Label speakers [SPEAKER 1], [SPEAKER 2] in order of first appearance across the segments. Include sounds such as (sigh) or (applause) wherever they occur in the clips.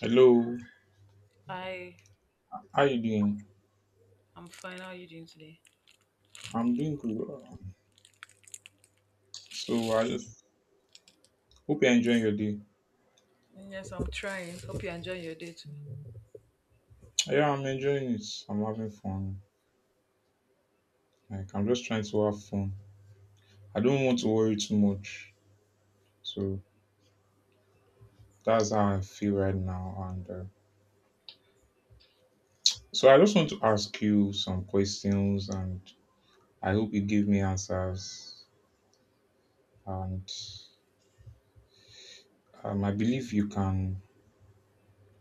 [SPEAKER 1] Hello,
[SPEAKER 2] Hi,
[SPEAKER 1] how you doing?
[SPEAKER 2] I'm fine. How are you doing today?
[SPEAKER 1] I'm doing good. So I just hope you're enjoying your day.
[SPEAKER 2] Yes, I'm trying. Hope you enjoy your day too.
[SPEAKER 1] Yeah, I'm enjoying it. I'm having fun. Like I'm just trying to have fun. I don't want to worry too much. So that's how I feel right now. And I just want to ask you some questions, and I hope you give me answers. And I believe you can.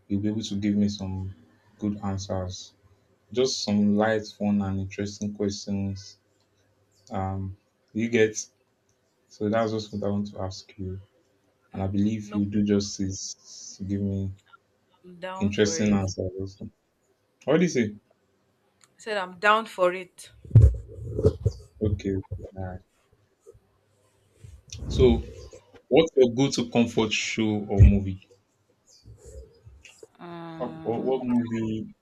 [SPEAKER 1] You'll be able to give me some good answers. Just some light, fun, and interesting questions. Um, you get, so that's just what I want to ask you, and I believe
[SPEAKER 2] No
[SPEAKER 1] you do justice to give me
[SPEAKER 2] problem. Down for
[SPEAKER 1] interesting
[SPEAKER 2] it.
[SPEAKER 1] answers also. What do you say?
[SPEAKER 2] I said I'm down for it.
[SPEAKER 1] Okay, okay, all right. So, what's your go-to comfort show or movie? Or
[SPEAKER 2] Mm,
[SPEAKER 1] what movie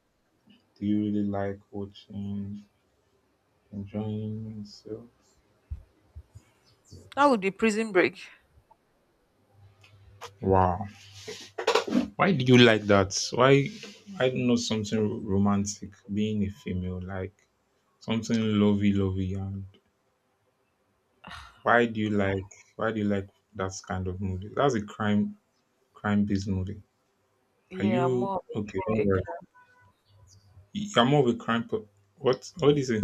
[SPEAKER 1] do you really like watching, enjoying yourself?
[SPEAKER 2] that would be prison break.
[SPEAKER 1] Wow, why do you like that? Why? I don't know, something romantic, being a female, like something lovey, lovey, and— Why do you like why do you like that kind of movie? That's a crime based movie. Are
[SPEAKER 2] Yeah, I'm
[SPEAKER 1] you
[SPEAKER 2] more of
[SPEAKER 1] okay? Don't
[SPEAKER 2] a
[SPEAKER 1] worry.
[SPEAKER 2] crime.
[SPEAKER 1] You're more of a crime. Per- what— what do you say?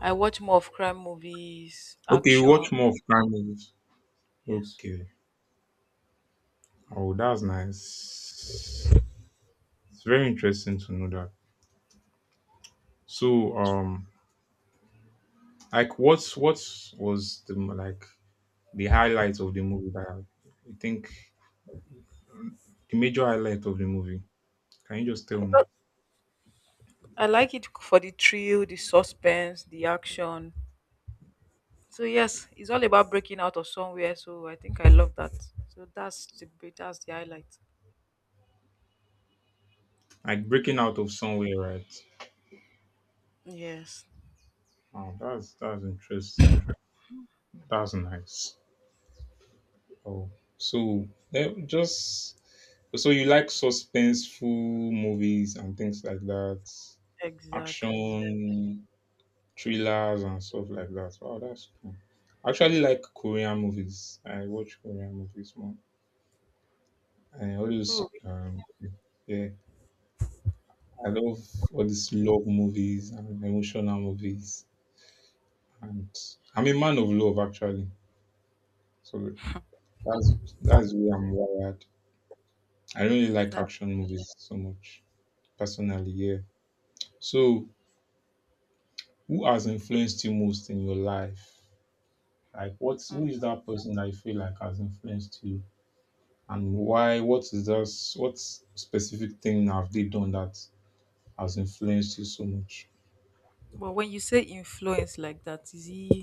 [SPEAKER 2] I watch more of crime movies,
[SPEAKER 1] Okay, you
[SPEAKER 2] action.
[SPEAKER 1] watch more of crime movies.
[SPEAKER 2] Yes.
[SPEAKER 1] Okay. Oh, that's nice. It's very interesting to know that. So, like, what was, the like, the highlight of the movie that you think, the major highlight of the movie? Can you just tell me?
[SPEAKER 2] Because I like it for the thrill, the suspense, the action. So yes, it's all about breaking out of somewhere. So I think I love that. So that's the highlight.
[SPEAKER 1] Like breaking out of somewhere, right?
[SPEAKER 2] Yes,
[SPEAKER 1] Wow, that's interesting. That's nice. Oh, so just so you like suspenseful movies and things like that,
[SPEAKER 2] exactly.
[SPEAKER 1] action thrillers and stuff like that. Wow, that's cool. I actually like Korean movies. I watch Korean movies more. And all those,
[SPEAKER 2] Oh,
[SPEAKER 1] yeah, I love all these love movies and emotional movies. And I'm a man of love, actually. So that's that's the way I'm wired. I don't really like action movies so much personally. Yeah. So, who has influenced you most in your life? Like, what's— who is that person that you feel like has influenced you, and why? What is that? What specific thing have they done that has influenced you so much?
[SPEAKER 2] but when you say influence like that, is he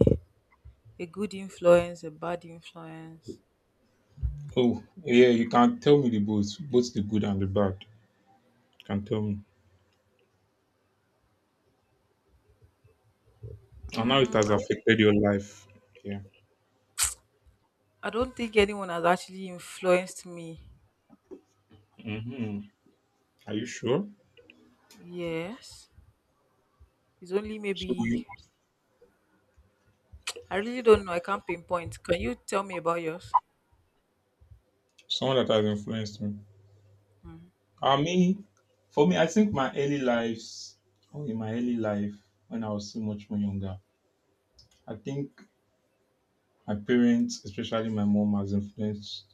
[SPEAKER 2] a good influence, a bad influence?
[SPEAKER 1] Oh, yeah. You can tell me the both, both the good and the bad. You can tell me, and how it
[SPEAKER 2] Mm,
[SPEAKER 1] has
[SPEAKER 2] I, w-
[SPEAKER 1] affected your life. Yeah.
[SPEAKER 2] I don't think anyone has actually influenced me.
[SPEAKER 1] Mm-hmm. Are you sure?
[SPEAKER 2] Yes. It's only
[SPEAKER 1] So,
[SPEAKER 2] maybe,
[SPEAKER 1] you-
[SPEAKER 2] I really don't know. I can't pinpoint. Can you tell me about yours?
[SPEAKER 1] someone that has influenced me. I mean, for me, I think my early lives, oh, in my early life, when I was so much more younger, I think my parents, especially my mom, has influenced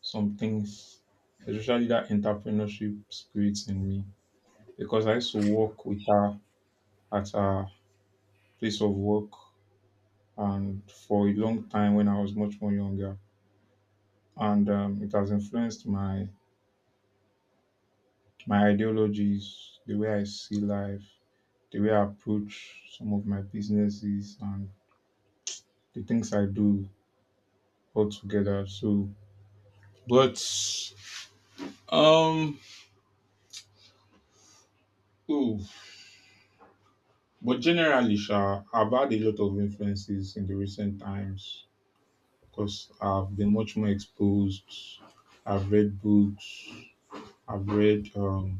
[SPEAKER 1] some things, especially that entrepreneurship spirit in me, because I used to work with her at her place of work and for a long time when I was much more younger. And It has influenced my ideologies, the way I see life, the way I approach some of my businesses and the things I do all together. So, but um, ooh, but generally, sha, I've had a lot of influences in the recent times because I've been much more exposed. I've read books. I've read.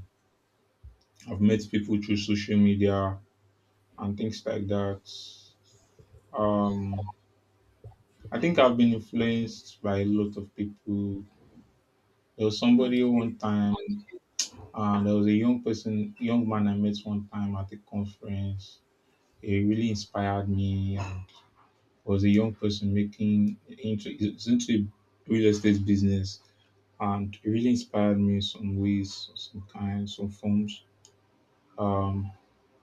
[SPEAKER 1] I've met people through social media and things like that. Um, I think I've been influenced by a lot of people. There was somebody
[SPEAKER 2] Okay.
[SPEAKER 1] one time— there was a young person, young man I met one time at a conference. He really inspired me. And was a young person making into— he's into real estate business, and it really inspired me in some ways, some kinds, some forms. Um,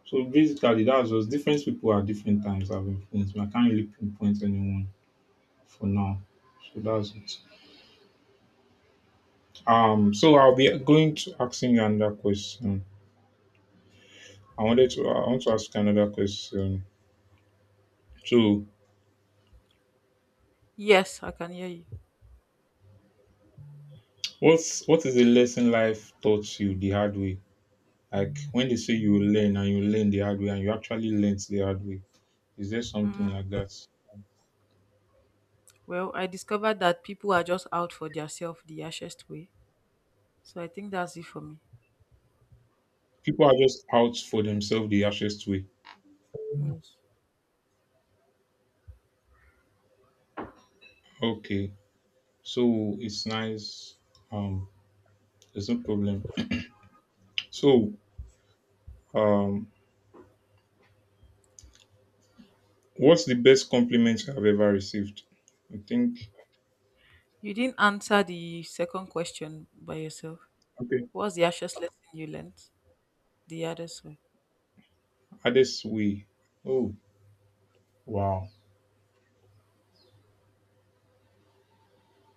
[SPEAKER 1] so basically, that was— different people at different times have influenced me. I can't really pinpoint anyone for now. So that's it. So I'll be going to asking you another question. I want to ask you another question. So,
[SPEAKER 2] Yes, I can hear you.
[SPEAKER 1] what's— what is a lesson life taught you the hard way? Like when they say you learn and you learn the hard way, and you actually learned the hard way. Is there something like that?
[SPEAKER 2] Well, I discovered that people are just out for their self the harshest way. So I think that's it for me.
[SPEAKER 1] People are just out for themselves the harshest way.
[SPEAKER 2] Yes.
[SPEAKER 1] Okay. So it's nice. Um there's no problem. So, um what's the best compliment I've ever received? I think—
[SPEAKER 2] You didn't answer the second question by yourself.
[SPEAKER 1] okay.
[SPEAKER 2] What's the harshest lesson you learned the hardest way?
[SPEAKER 1] Hardest way. Oh, wow.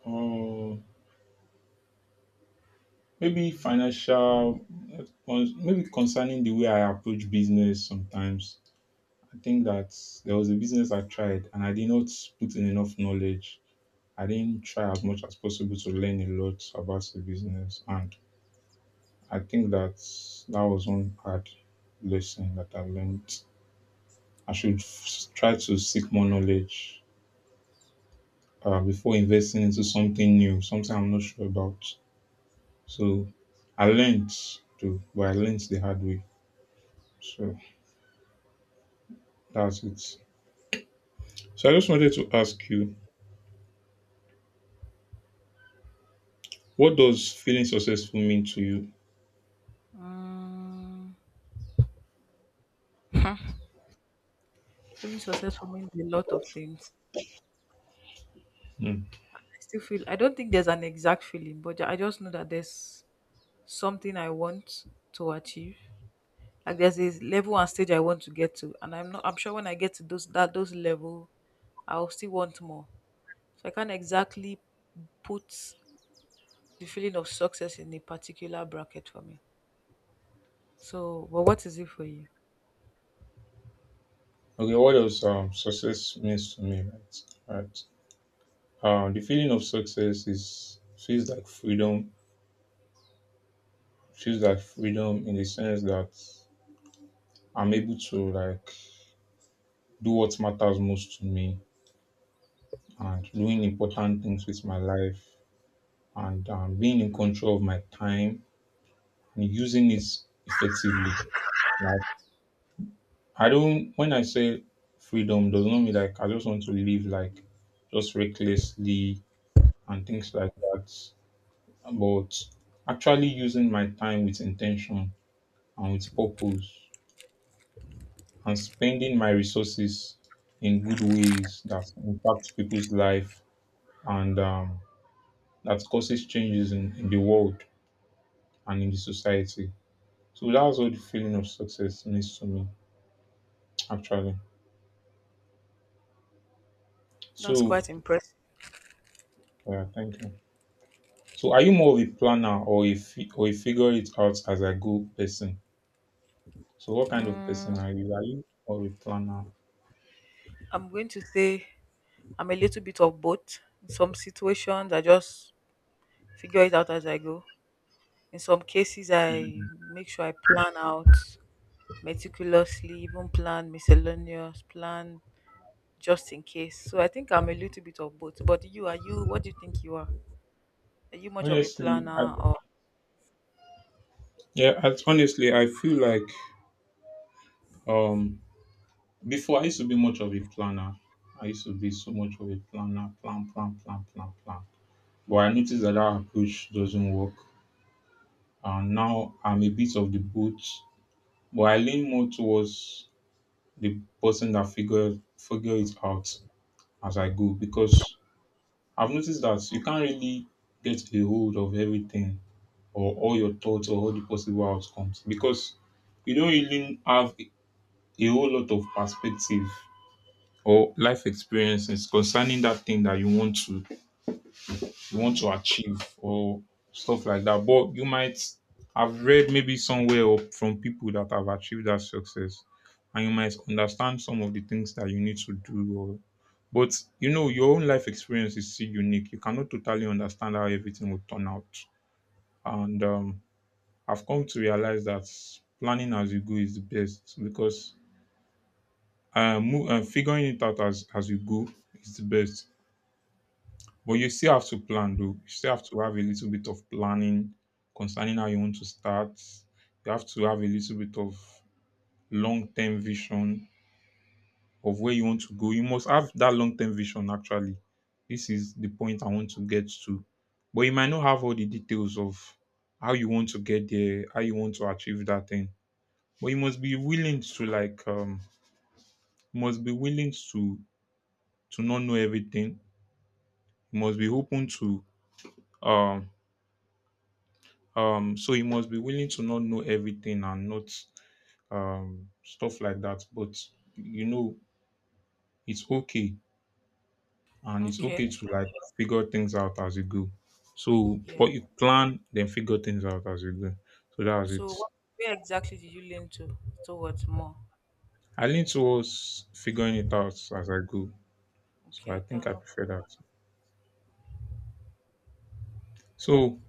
[SPEAKER 1] Uh, Maybe financial, maybe concerning the way I approach business sometimes. I think that there was a business I tried and I did not put in enough knowledge. I didn't try as much as possible to learn a lot about the business. And I think that that was one hard lesson that I learned. I should try to seek more knowledge before investing into something new, something I'm not sure about. So I learned too, but I learned the hard way. So. That's it. So I just wanted
[SPEAKER 2] Okay.
[SPEAKER 1] to ask you, what does feeling successful mean to you?
[SPEAKER 2] Um, Feeling successful means a lot of things.
[SPEAKER 1] Hmm.
[SPEAKER 2] I still feel I don't think there's an exact feeling, but I just know that there's something I want to achieve. Like there's a level and stage I want to get to, and I'm not. I'm sure when I get to those level, I'll still want more. So I can't exactly put the feeling of success in a particular bracket for me. So, but what is it for you?
[SPEAKER 1] Okay, what does, success means to me, right? Right. The feeling of success is— feels like freedom. Feels like freedom in the sense that I'm able to, like, do what matters most to me, and doing important things with my life, and being in control of my time and using it effectively. Like, I don't— when I say freedom, does not mean like I just want to live like just recklessly and things like that. But actually using my time with intention and with purpose and spending my resources in good ways that impact people's life, and that causes changes in the world and in the society. So that's what the feeling of success means to me actually.
[SPEAKER 2] That's
[SPEAKER 1] So
[SPEAKER 2] quite impressive.
[SPEAKER 1] yeah, thank you. So are you more of a planner or a or a figure it out as I go person? So what kind of
[SPEAKER 2] Um,
[SPEAKER 1] person are you? Are you or a planner?
[SPEAKER 2] I'm going to say I'm a little bit of both. In some situations, I just figure it out as I go. In some cases, I
[SPEAKER 1] Mm.
[SPEAKER 2] make sure I plan out meticulously, even plan miscellaneous, plan just in case. So I think I'm a little bit of both. But you, are you? What do you think you are? Are you much of a
[SPEAKER 1] Honestly,
[SPEAKER 2] planner or?
[SPEAKER 1] yeah. I, honestly, I feel like um before I used to be much of a planner. I used to be so much of a planner, plan, plan, plan, plan, plan. But I noticed that that approach doesn't work. And now I'm a bit of the both, but I lean more towards the person that figure it out as I go, because I've noticed that you can't really get a hold of everything or all your thoughts or all the possible outcomes, because you don't really have a whole lot of perspective or life experiences concerning that thing that you want to achieve or stuff like that. But you might have read maybe somewhere or from people that have achieved that success, and you might understand some of the things that you need to do, or— but you know, your own life experience is still unique. You cannot totally understand how everything will turn out. And I've come to realize that planning as you go is the best, because figuring it out as you go is the best. But you still have to plan, though. You still have to have a little bit of planning concerning how you want to start. You have to have a little bit of long term vision of where you want to go. You must have that long term vision actually. This is the point I want to get to. But you might not have all the details of how you want to get there, how you want to achieve that thing. But you must be willing to, like, you must be willing to not know everything. You must be open to— um so you must be willing to not know everything, and not, stuff like that. But you know, it's okay, and it's
[SPEAKER 2] Okay,
[SPEAKER 1] okay to, like, figure things out as you go. So,
[SPEAKER 2] yeah.
[SPEAKER 1] but you plan, then figure things out as you go. So that was
[SPEAKER 2] So
[SPEAKER 1] it.
[SPEAKER 2] where exactly did you lean to towards more?
[SPEAKER 1] I lean towards figuring it out as I go. So I
[SPEAKER 2] Okay,
[SPEAKER 1] think
[SPEAKER 2] that
[SPEAKER 1] I
[SPEAKER 2] no.
[SPEAKER 1] prefer that. So,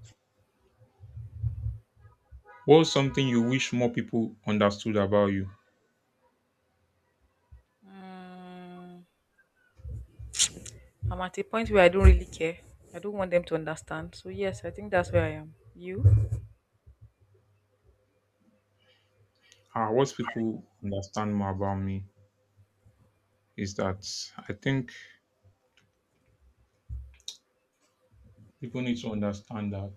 [SPEAKER 1] what's something you wish more people understood about you?
[SPEAKER 2] Mm, I'm at a point where I don't really care. I don't want them to understand. So yes, I think that's where I am. You?
[SPEAKER 1] Ah, what people understand more about me is that, I think people need to understand that,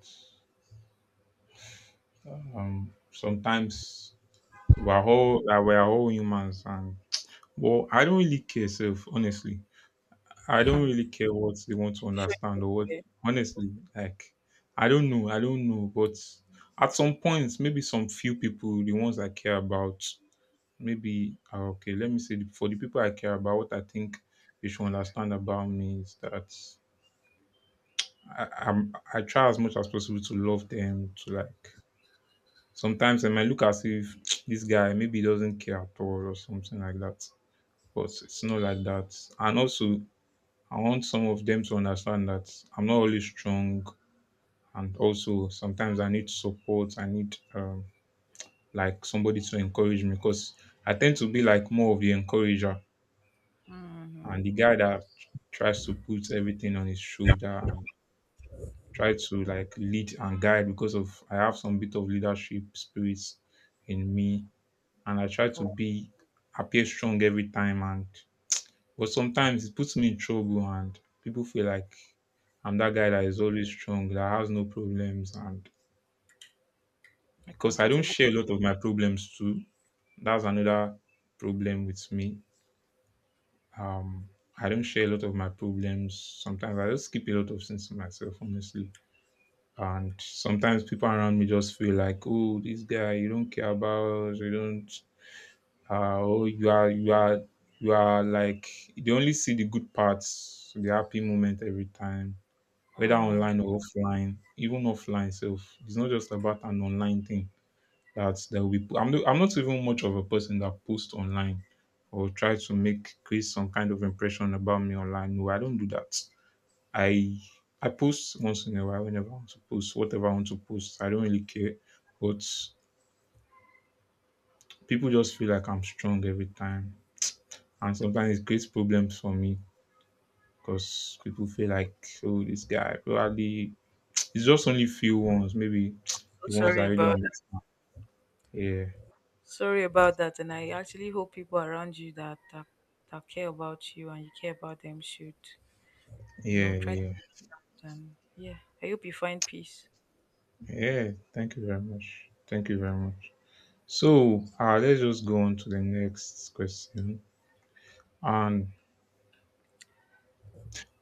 [SPEAKER 1] sometimes we're all humans, and well, I don't really care self honestly. I don't really
[SPEAKER 2] (laughs)
[SPEAKER 1] care what they want to understand or what— honestly, like, I don't know. But at some point, maybe some few people, the ones I care about, maybe ah, okay, let me say the- for the people I care about, what I think they should understand about me is that I'm— I try as much as possible to love them, to like— sometimes I might look as if (tsk) this guy maybe doesn't care at all or something like that. But it's not like that. And also I want some of them to understand that I'm not always strong, and also sometimes I need support. I need like somebody to encourage me because I tend to be like more of the encourager
[SPEAKER 2] Hmm. You sure you don't care? Hmm.
[SPEAKER 1] and the guy that tries to put everything on his shoulder and try to like lead and guide because of I have some bit of leadership spirits in me, and I try to
[SPEAKER 2] Oh,
[SPEAKER 1] be appear strong every time and but sometimes it puts me in trouble and people feel like I'm that guy that is always strong, that has no problems and
[SPEAKER 2] I can
[SPEAKER 1] because I don't
[SPEAKER 2] totally.
[SPEAKER 1] share a lot of my problems too. That's another problem with me. Um I don't share a lot of my problems. Sometimes I just keep a lot of things to myself, honestly. And sometimes people around me just feel like, oh, this guy you don't care about, you don't oh, you are you are like they only see the good parts, the happy moment every time, whether
[SPEAKER 2] Mm.
[SPEAKER 1] online or offline, even offline self. It's not just about an online thing that will be. I'm not even much of a person that posts online or try to make create some kind of impression about me online. No, I don't do that. I I post once in a while whenever I want to post whatever I want to post. I don't really care, but people just feel like I'm strong every time, and sometimes it creates problems for me because people feel like, oh, this guy probably it's just only few ones, maybe the
[SPEAKER 2] So
[SPEAKER 1] ones
[SPEAKER 2] sorry
[SPEAKER 1] that really
[SPEAKER 2] about
[SPEAKER 1] understand. Yeah,
[SPEAKER 2] Sorry about that, and I actually hope people around you that care about you and you care about them should you know
[SPEAKER 1] yeah,
[SPEAKER 2] try to
[SPEAKER 1] yeah,
[SPEAKER 2] um, yeah. I hope you find peace.
[SPEAKER 1] yeah. Thank you very much. Thank you very much. So, let's just go on to the next question. And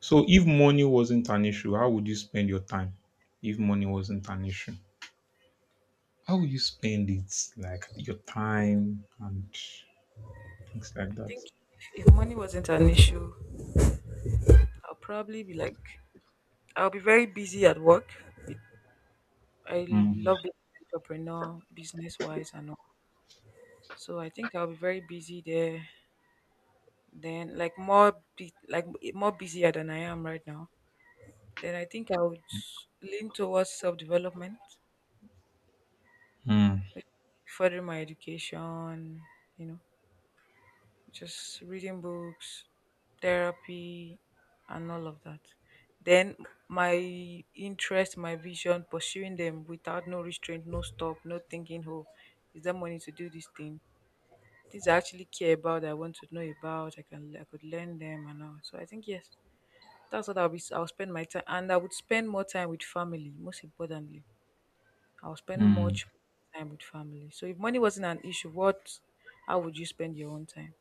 [SPEAKER 1] so, if money wasn't an issue, how would you spend your time? If money wasn't an issue, how would you spend it? Like your time and things like
[SPEAKER 2] I think
[SPEAKER 1] that.
[SPEAKER 2] if money wasn't an issue, I'll probably be like I'll be very busy at work. I
[SPEAKER 1] Mm,
[SPEAKER 2] love being an entrepreneur, business wise, and all. So I think I'll be very busy there. Then, like more, bu- like more busier than I am right now. Then I think I would lean towards self-development,
[SPEAKER 1] mm,
[SPEAKER 2] furthering my education. You know, just reading books, therapy, and all of that. Then my interest, my vision, pursuing them without no restraint, no stop, no thinking. Oh, is there money to do this thing? Things I actually care about, I want to know about. I could learn them and all. So I think yes. That's what I'll be. I'll spend my time, and I would spend more time with family. Most importantly, I'll spend
[SPEAKER 1] mm.
[SPEAKER 2] much time with family. So if money wasn't an issue, what? How would you spend your own time?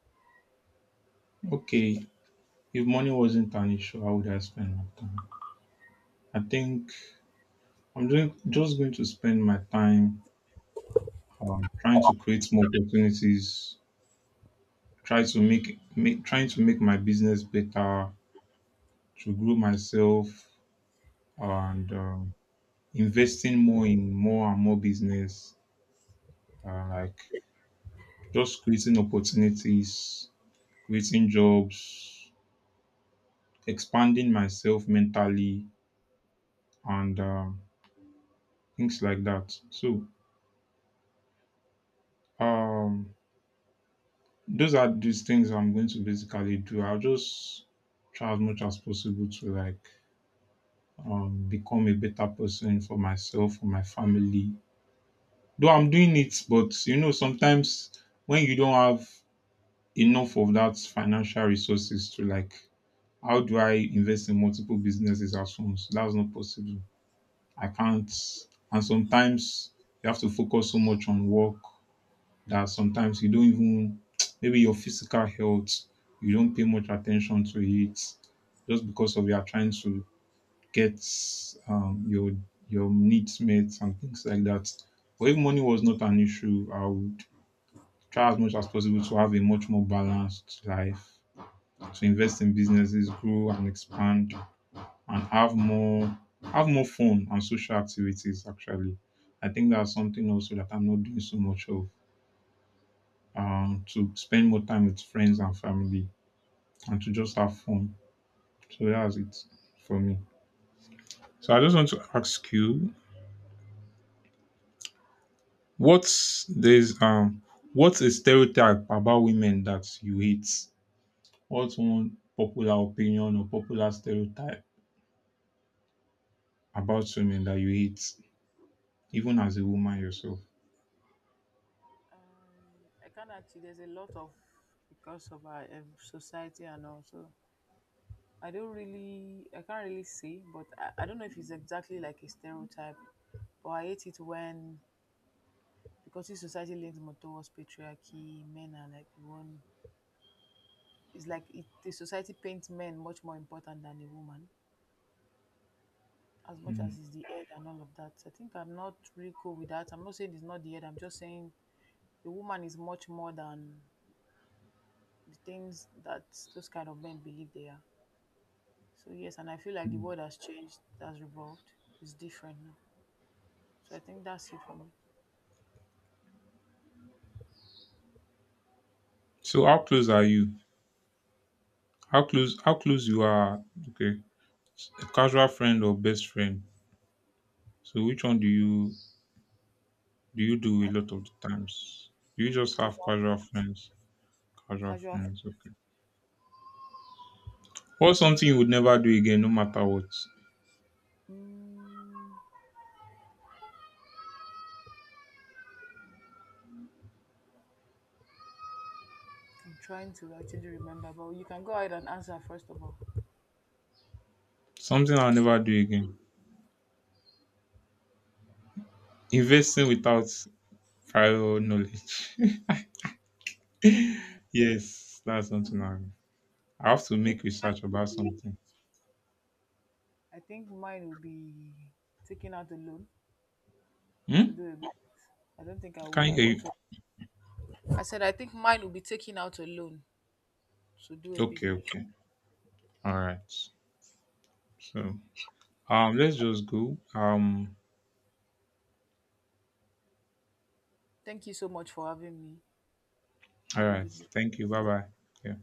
[SPEAKER 1] Okay, if money wasn't an issue, how would I spend my time? I think just going to spend my time trying to create more opportunities, try to make, make trying to make my business better, to grow myself, and investing more in more and more business, like just creating opportunities, creating jobs, expanding myself mentally, and things like that. So um, those are these things I'm going to basically do. I'll just try as much as possible to like become a better person for myself, for my family. Though I'm doing it, but you know, sometimes when you don't have enough of that financial resources to like, how do I invest in multiple businesses at once? That's not possible. I can't. And sometimes you have to focus so much on work that sometimes you don't even (tsk) maybe your physical health you don't pay much attention to it just because of you are trying to get um, your your needs met and things like that. But if money was not an issue, I would try as much as possible to have a much more balanced life, to invest in businesses, grow and expand, and have more fun and social activities. Actually, I think that's something also that I'm not doing so much of. To spend more time with friends and family and to just have fun. So that's it for me. So I just want to ask you what's there's um what's a stereotype about women that you hate? What's one popular opinion or popular stereotype about women that you hate, even as
[SPEAKER 2] Mm,
[SPEAKER 1] a woman yourself?
[SPEAKER 2] I can't actually. There's a lot of because of our society and also I don't really, I can't really say, but I don't know if it's exactly like a stereotype. But I hate it when because this society leans more towards patriarchy, men are like the one. It's like it, the society paints men much more important than a woman, as much
[SPEAKER 1] Mm.
[SPEAKER 2] as is the head and all of that. I think I'm not really cool with that. I'm not saying it's not the head. I'm just saying the woman is much more than the things that those kind of men believe they are. So yes, and I feel like the world has changed, has revolved. It's different now. So I think that's it for me.
[SPEAKER 1] So how close are you? How close you are okay. A casual friend or best friend. So which one do you do you do a
[SPEAKER 2] I,
[SPEAKER 1] lot of the times? Do you just have
[SPEAKER 2] casual,
[SPEAKER 1] casual
[SPEAKER 2] friends.
[SPEAKER 1] friends? Casual
[SPEAKER 2] casual. fr-
[SPEAKER 1] friends, okay. What's something you would never do again, no matter what?
[SPEAKER 2] Mm, I'm trying to actually remember, but you can go ahead and answer first of all.
[SPEAKER 1] Something I'll never do again. Investing without prior knowledge. (laughs) Yes, that's something I. I have to
[SPEAKER 2] I think
[SPEAKER 1] make
[SPEAKER 2] mine
[SPEAKER 1] research
[SPEAKER 2] would
[SPEAKER 1] about
[SPEAKER 2] be
[SPEAKER 1] something.
[SPEAKER 2] I think mine will be taking out a loan
[SPEAKER 1] Hmm?
[SPEAKER 2] to do a I don't think
[SPEAKER 1] Can you
[SPEAKER 2] I
[SPEAKER 1] hear
[SPEAKER 2] want
[SPEAKER 1] you?
[SPEAKER 2] to. I said I think mine will be taking out a loan to do a
[SPEAKER 1] Okay,
[SPEAKER 2] business.
[SPEAKER 1] okay. All right. So, let's just go.
[SPEAKER 2] Thank you so much for having me.
[SPEAKER 1] All
[SPEAKER 2] Have a
[SPEAKER 1] right.
[SPEAKER 2] good night.
[SPEAKER 1] Thank you. Bye bye. Yeah.